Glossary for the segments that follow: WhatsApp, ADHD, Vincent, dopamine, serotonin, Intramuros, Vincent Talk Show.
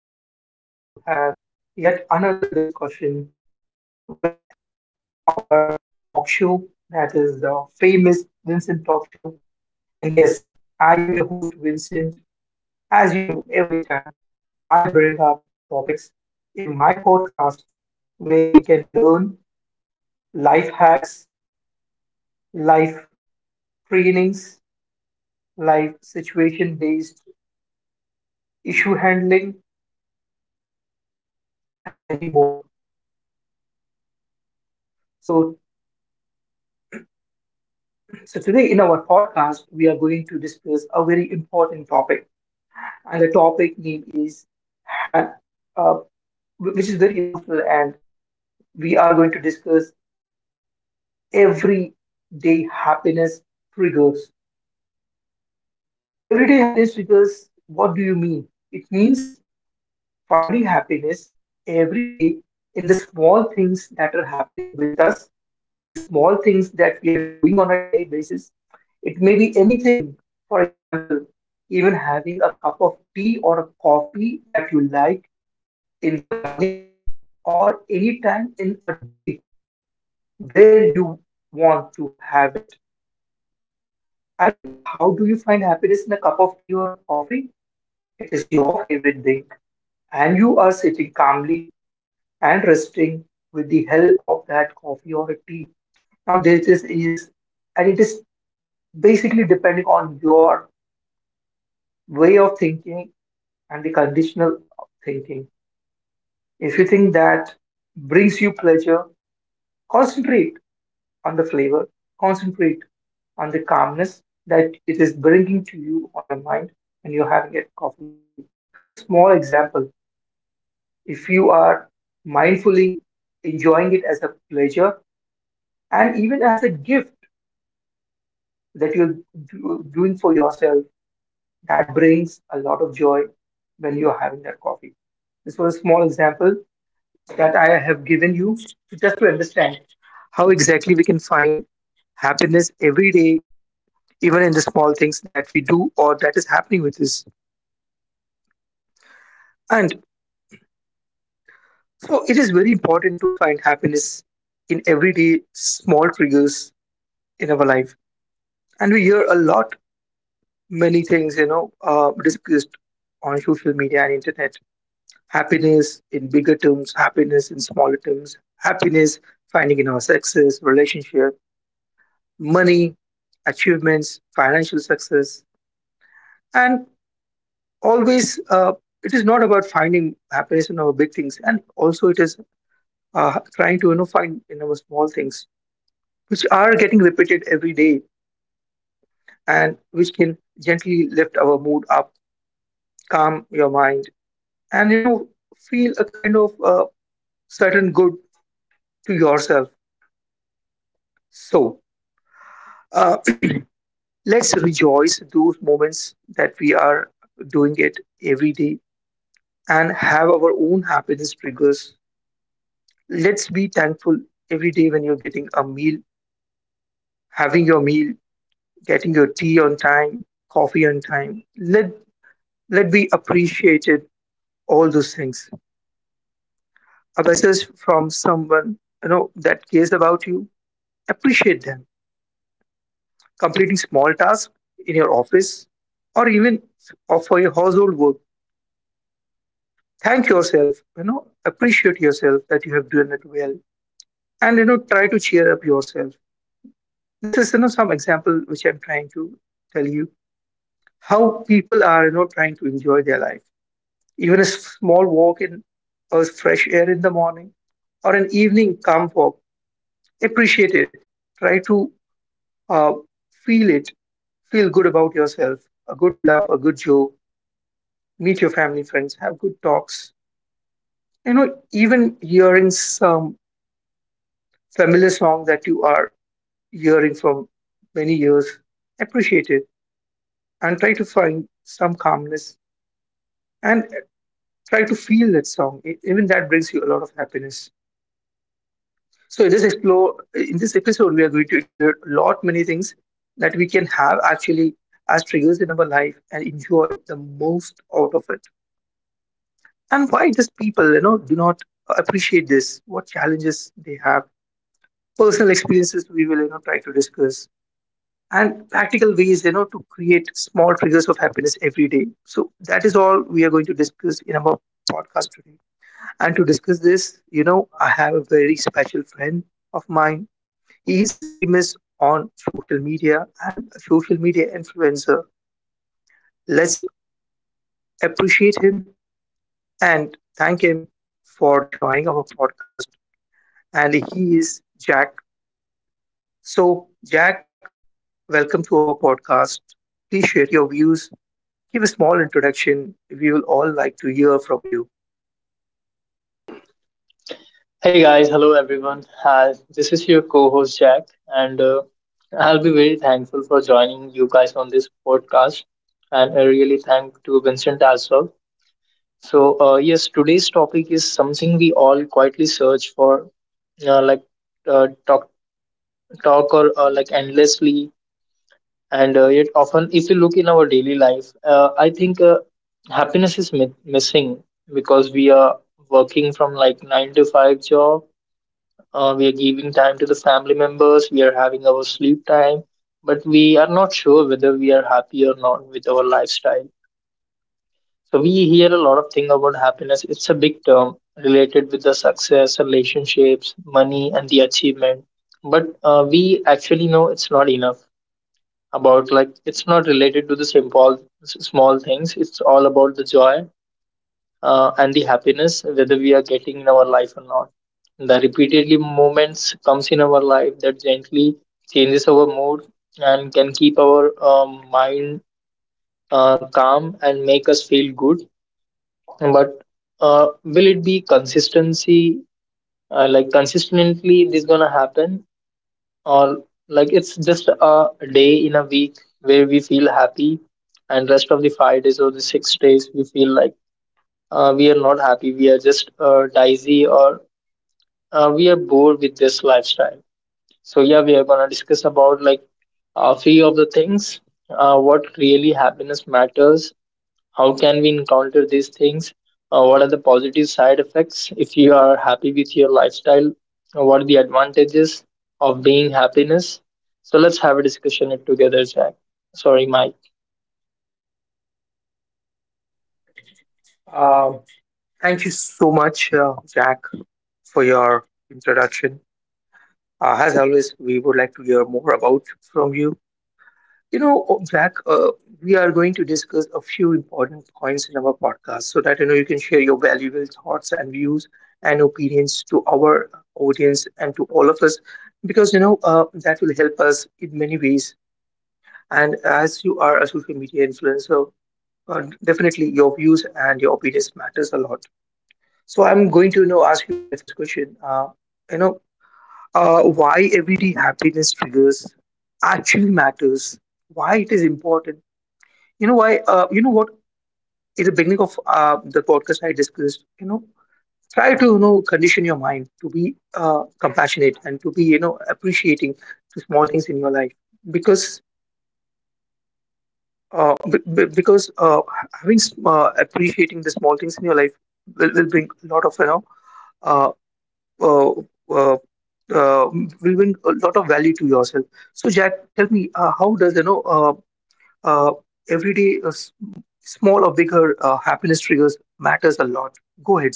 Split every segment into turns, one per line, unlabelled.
we are going to have yet another discussion with our talk show, that is the famous Vincent Talk Show. And yes, I am your host, Vincent. As you know, every time I bring up topics in my podcast where we can learn life hacks, life trainings, life situation based issue handling, and many more. So So, today in our podcast, we are going to discuss a very important topic, and the topic name is ha- uh, which is very emotional, and we are going to discuss everyday happiness triggers. Everyday happiness triggers, what do you mean? It means finding happiness every day in the small things that are happening with us, in the small things that we are doing on a daily basis. It may be anything. For example, even having a cup of tea or a coffee that you like in the morning or any time in a day where you want to have it. I mean, how do you find happiness in a cup of tea or a coffee? It is your favorite thing, and you are sitting calmly and resting with the help of that coffee or a tea. Now this is and it is basically depending on your way of thinking and the conditional thinking. If you think that brings you pleasure, concentrate on the flavor, concentrate on the calmness that it is bringing to you on your mind when you're having a coffee. So this was a small example. If you are mindfully enjoying it as a pleasure and even as a gift that you're doing for yourself, that brings a lot of joy when you're having that coffee. This was a small example that I have given you just to understand how exactly we can find happiness every day, even in the small things that we do or that is happening with us. And so it is very important to find happiness in everyday small triggers in our life. And we hear a lot many things, you know, discussed on social media and internet, happiness in bigger terms, happiness in smaller terms, happiness finding in our success, relationship, money, achievements, financial success. And always, it is not about finding happiness in our big things, and also it is trying to, you know, find in our small things, which are getting repeated every day, and which can gently lift our mood up, calm your mind, and you know feel a kind of certain good to yourself. So. uh, Let's rejoice those moments that we are doing it every day and have our own happiness triggers. Let's be thankful every day when you're getting a meal, having your meal, getting your tea on time, coffee on time. Let be appreciated all those things. A message from someone you know that cares about you. Appreciate them. Completing small tasks in your office or even or for your household work, thank yourself, you know, appreciate yourself that you have done it well, and you know try to cheer up yourself. This is, you know, some example which I'm trying to tell you how people are, you know, trying to enjoy their life. Even a small walk in or fresh air in the morning or an evening calm walk, appreciate it, try to uh, feel it, feel good about yourself. A good laugh, a good joke, meet your family friends, have good talks, you know, even hearing some familiar song that you are hearing from many years, appreciate it and try to find some calmness and try to feel that song. Even that brings you a lot of happiness. So in this episode, we are going to explore a lot many things that we can have actually as triggers in our life and enjoy the most out of it. And why does people, you know, do not appreciate this? What challenges they have? Personal experiences we will, you know, try to discuss, and practical ways, you know, to create small triggers of happiness every day. So that is all we are going to discuss in our podcast today, and to discuss this, you know, I have a very special friend of mine. He is famous on social media and a social media influencer. Let's appreciate him and thank him for joining our podcast, and he is Jack. So, Jack, welcome to our podcast. Please share your views, give a small introduction. We will all like to hear from you.
Hey guys, hello everyone. This is your co host Jack, and I'll be very thankful for joining you guys on this podcast. And I really thank to Vincent as well. So, yes, today's topic is something we all quietly search for, like uh, talk, talk or like endlessly. And yet, often, if you look in our daily life, I think happiness is missing because we are working from like nine to five job. We are giving time to the family members, we are having our sleep time, but we are not sure whether we are happy or not with our lifestyle. So we hear a lot of thing about happiness. It's a big term related with the success, relationships, money, and the achievement. But we actually know it's not enough about like it's not related to the simple small things. It's all about the joy and the happiness whether we are getting in our life or not, the repeatedly moments comes in our life that gently changes our mood and can keep our mind calm and make us feel good, but will it be consistency, like consistently this gonna happen? Or like it's just a day in a week where we feel happy and rest of the 5 days or the 6 days we feel like we are not happy, we are just dicey, or we are bored with this lifestyle. So yeah, we are gonna discuss about like few of the things, what really happiness matters, how can we encounter these things, what are the positive side effects if you are happy with your lifestyle, what are the advantages of being happiness. So let's have a discussion it together, Jack. Sorry, Mike.
Um, Thank you so much, Jack, for your introduction. As always, we would like to hear more about from you. You know, Jack, we are going to discuss a few important points in our podcast so that you know you can share your valuable thoughts and views and opinions to our audience and to all of us, because you know that will help us in many ways, and as you are a social media influencer. Definitely, your views and your opinions matters a lot. So I'm going to you know ask you my first question. You know, why everyday happiness triggers actually matters? Why it is important? You know why? You know what? In the beginning of the podcast, I discussed. You know, try to you know condition your mind to be compassionate and to be you know appreciating the small things in your life, because Uh, b- b- because uh, appreciating the small things in your life will bring a lot of you know uh, uh, uh, uh, will bring a lot of value to yourself. So, Jack, tell me how does you know uh, everyday small or bigger happiness triggers matters a lot. Go ahead.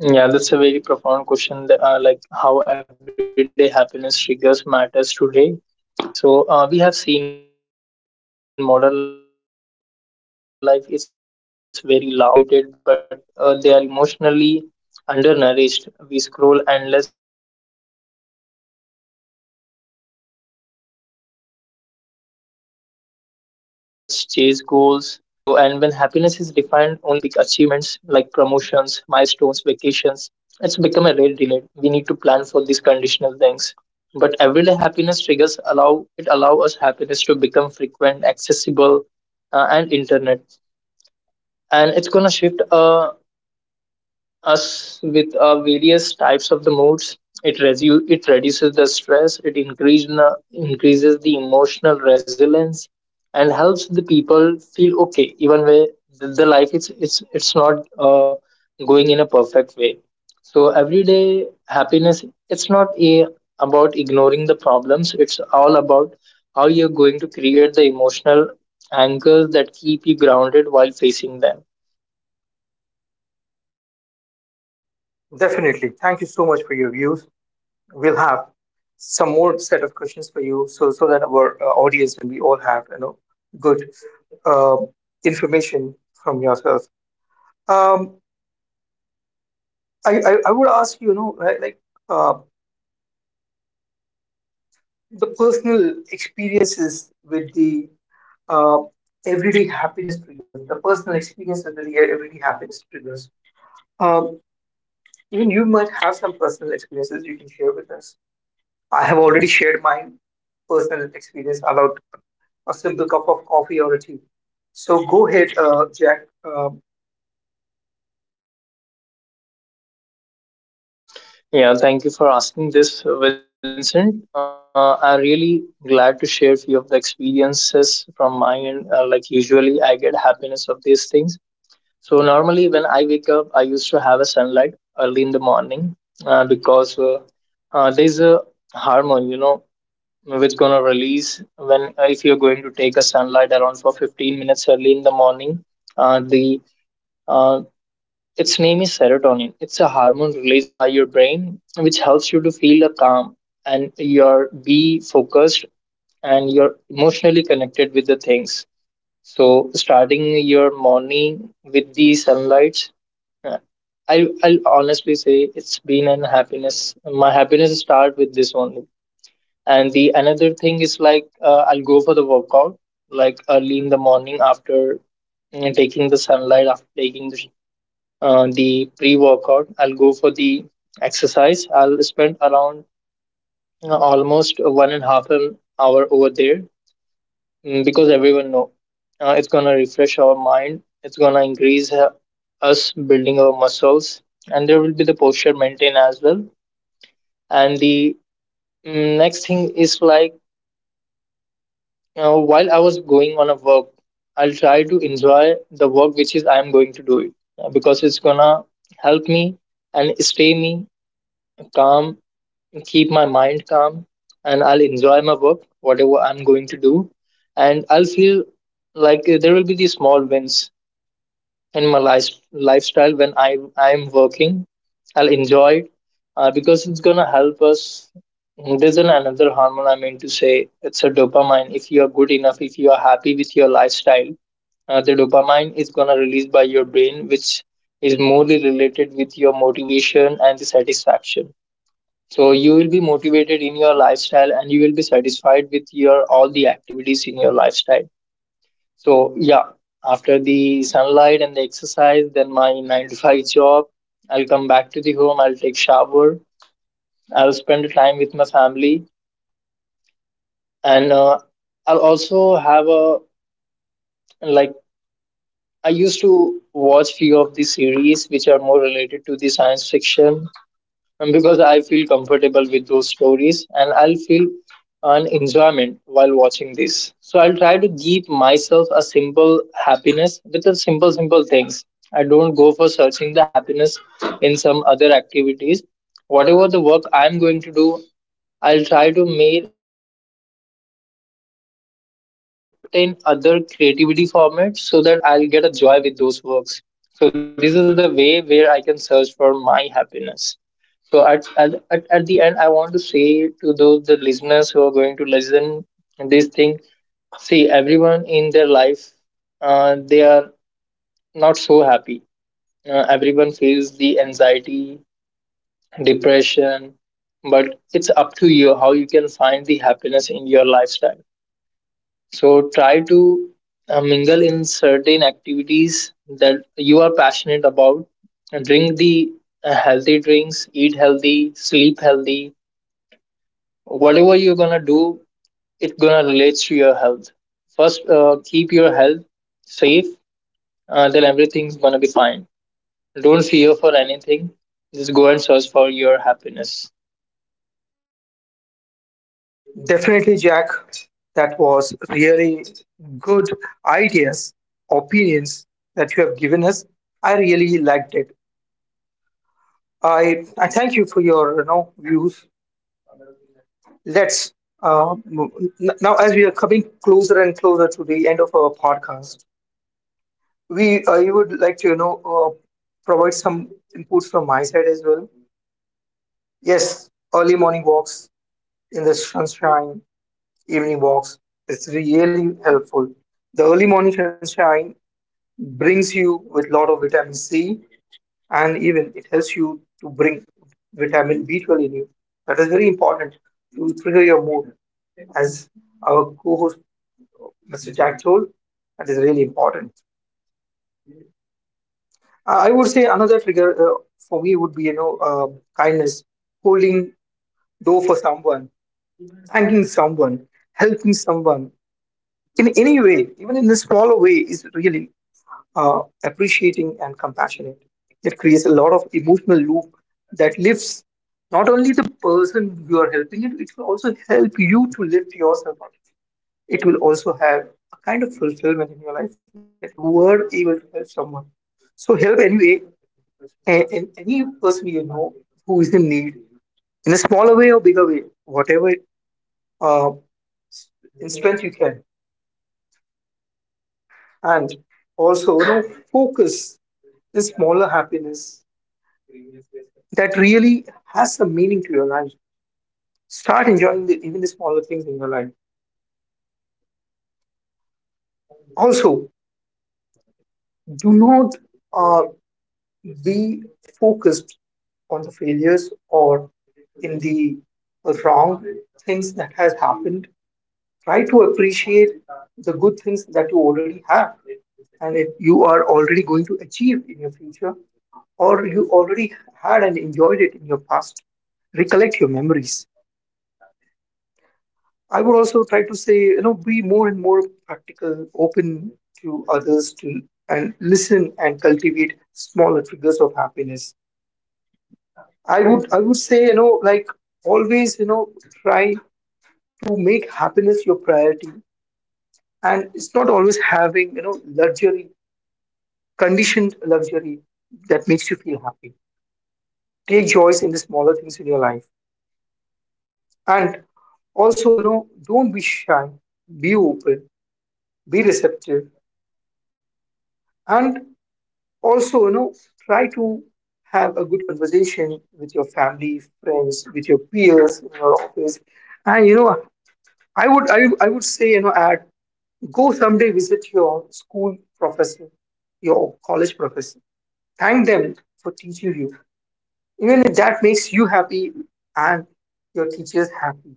Yeah, that's a very profound question that, like how everyday happiness triggers matters today. So we have seen modern life is very loud, fast, and overwhelming. People are constantly stimulated, but they are emotionally undernourished. We scroll endless, chase goals, consume content, but often forget to feel the content. So, and when happiness is defined only as the big achievements like promotions, milestones, vacations, it's become a rare delight. We need to plan for these conditional things, but everyday happiness triggers allow us happiness to become frequent, accessible, and internet. And it's gonna shift us with various types of the moods. It reduces the stress. It increases the emotional resilience and helps the people feel okay even where the life it's it's not going in a perfect way. So everyday happiness it's not about ignoring the problems. It's all about how you're going to create the emotional anchors that keep you grounded while facing them.
Definitely. Thank you so much for your views. We'll have some more set of questions for you so so that our audience and we all have you know good uh, information from yourself. Um, I would ask you, you know, uh, the personal experiences with the uh, everyday happiness triggers, the personal experiences with the everyday happiness triggers. Um, Even you might have some personal experiences you can share with us. I have already shared my personal experience about a simple cup of coffee or a tea. So go ahead, Jack.
Yeah, thank you for asking this, Vincent. I'm really glad to share few of the experiences from my end. Like usually, I get happiness of these things. So normally, when I wake up, I used to have a sunlight early in the morning because there's a hormone, you know, which gonna release when if you're going to take a sunlight around for 15 minutes early in the morning. The uh, its name is serotonin. It's a hormone released by your brain which helps you to feel a calm and your be focused and you're emotionally connected with the things. So starting your morning with the sunlight, uh, I'll honestly say it's been an happiness. My happiness start with this only. And the another thing is like I'll go for the workout like early in the morning after you know, taking the sunlight after taking the the pre-workout. I'll go for the exercise. I'll spend around almost one and a half an hour over there, because everyone know it's gonna refresh our mind. It's gonna increase us building our muscles, and there will be the posture maintain as well. And the next thing is like while I was going on a work, I'll try to enjoy the work which is I am going to do it because it's gonna help me and stay me calm, keep my mind calm, and I'll enjoy my work, whatever I'm going to do, and I'll feel like there will be these small wins in my life, lifestyle when I'm working. I'll enjoy it because it's gonna help us. There's another hormone, I mean to say, it's a dopamine. If you are good enough, if you are happy with your lifestyle, the dopamine is gonna release by your brain, which is morely related with your motivation and the satisfaction. So you will be motivated in your lifestyle and you will be satisfied with your all the activities in your lifestyle. So yeah, after the sunlight and the exercise, then my nine to five job, I'll come back to the home, I'll take shower, I'll spend time with my family, and I'll also have a like I used to watch few of the series which are more related to the science fiction. And because I feel comfortable with those stories and I'll feel an enjoyment while watching this. So I'll try to give myself a simple happiness with the simple, simple things. I don't go for searching the happiness in some other activities. Whatever the work I'm going to do, I'll try to make those works in certain other creativity formats so that I'll get a joy with those works. So this is the way where I can search for my happiness. So at the end, I want to say to those the listeners who are going to listen this thing, see everyone in their life, they are not so happy. Everyone feels the anxiety, depression, but it's up to you how you can find the happiness in your lifestyle. So try to mingle in certain activities that you are passionate about. Drink the healthy drinks, eat healthy, sleep healthy. Whatever you're gonna do, it gonna relates to your health. First, keep your health safe. Then everything's gonna be fine. Don't fear for anything. Just go and search for your happiness.
Definitely, Jack, that was really good ideas, opinions that you have given us. I really liked it. I thank you for your you know views. Let's uh, m- now, as we are coming closer and closer to the end of our podcast, we you would like to you know provide some inputs from my side as well. Yes, early morning walks in the sunshine, evening walks. It's really helpful. The early morning sunshine brings you with lot of vitamin C, and even it helps you to bring vitamin B12 in you. That is very important to trigger your mood. As our co-host Mr. Jack told, that is really important. I would say another trigger for me would be you know kindness, holding door for someone, thanking someone, helping someone in any way, even in a smaller way, is really appreciating, and compassionate. It creates a lot of emotional loop that lifts not only the person you are helping, it will also help you to lift yourself up. It will also have a kind of fulfillment in your life that you were able to help someone. So help anyway, and any person you know who is in need, in a smaller way or bigger way, whatever uh, in strength you can. And also, you know, focus the smaller happiness that really has some meaning to your life. Start enjoying the, even the smaller things in your life. Also, do not uh, be focused on the failures or in the wrong things that has happened. Try to appreciate the good things that you already have and if you are already going to achieve in your future or you already had and enjoyed it in your past. Recollect your memories. I would also try to say, you know, be more and more practical, open to others to and listen and cultivate smaller triggers of happiness. I would say, you know, like always, you know, try to make happiness your priority. And it's not always having, you know, luxury, conditioned luxury that makes you feel happy. Take joys in the smaller things in your life. And also, you know, don't be shy, be open, be receptive, and also you know try to have a good conversation with your family friends, with your peers in your office, and you know I would say you know add go someday visit your school professor, your college professor, thank them for teaching you, even if that makes you happy and your teachers happy.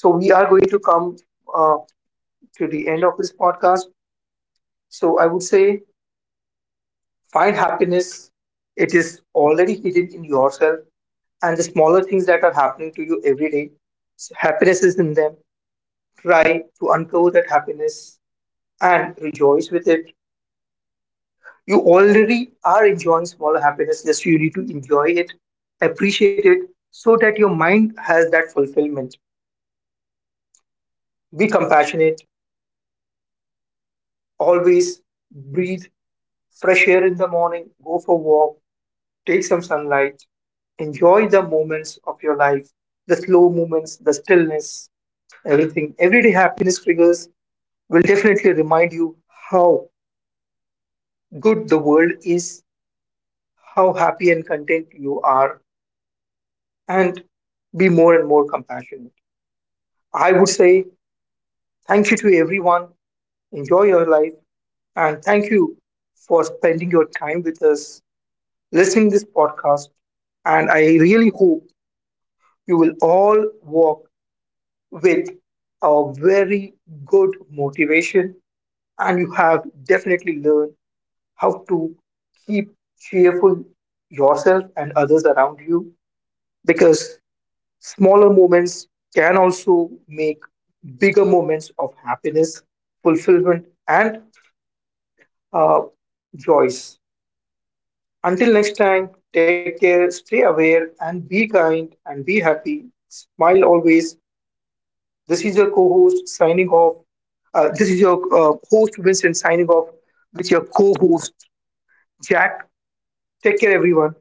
So we are going to come uh, to the end of this podcast. So I would say find happiness, it is already hidden in yourself and the smaller things that are happening to you every day. So happiness is in them. Try to uncover that happiness and rejoice with it. You already are enjoying smaller happiness, just you need to enjoy it, appreciate it, so that your mind has that fulfillment. Be compassionate, always breathe fresh air in the morning, go for a walk, take some sunlight, enjoy the moments of your life, the slow moments, the stillness, everything. Everyday happiness triggers will definitely remind you how good the world is, how happy and content you are, and be more and more compassionate. I would say thank you to everyone. Enjoy your life, and thank you for spending your time with us, listening this podcast. And I really hope you will all walk with a very good motivation, and you have definitely learned how to keep cheerful yourself and others around you, because smaller moments can also make bigger moments of happiness, fulfillment, and uh, joys. Until next time, take care, stay aware, and be kind and be happy. Smile always. This is your co host signing off. This is your host, Vincent, signing off with your co host, Jack. Take care, everyone.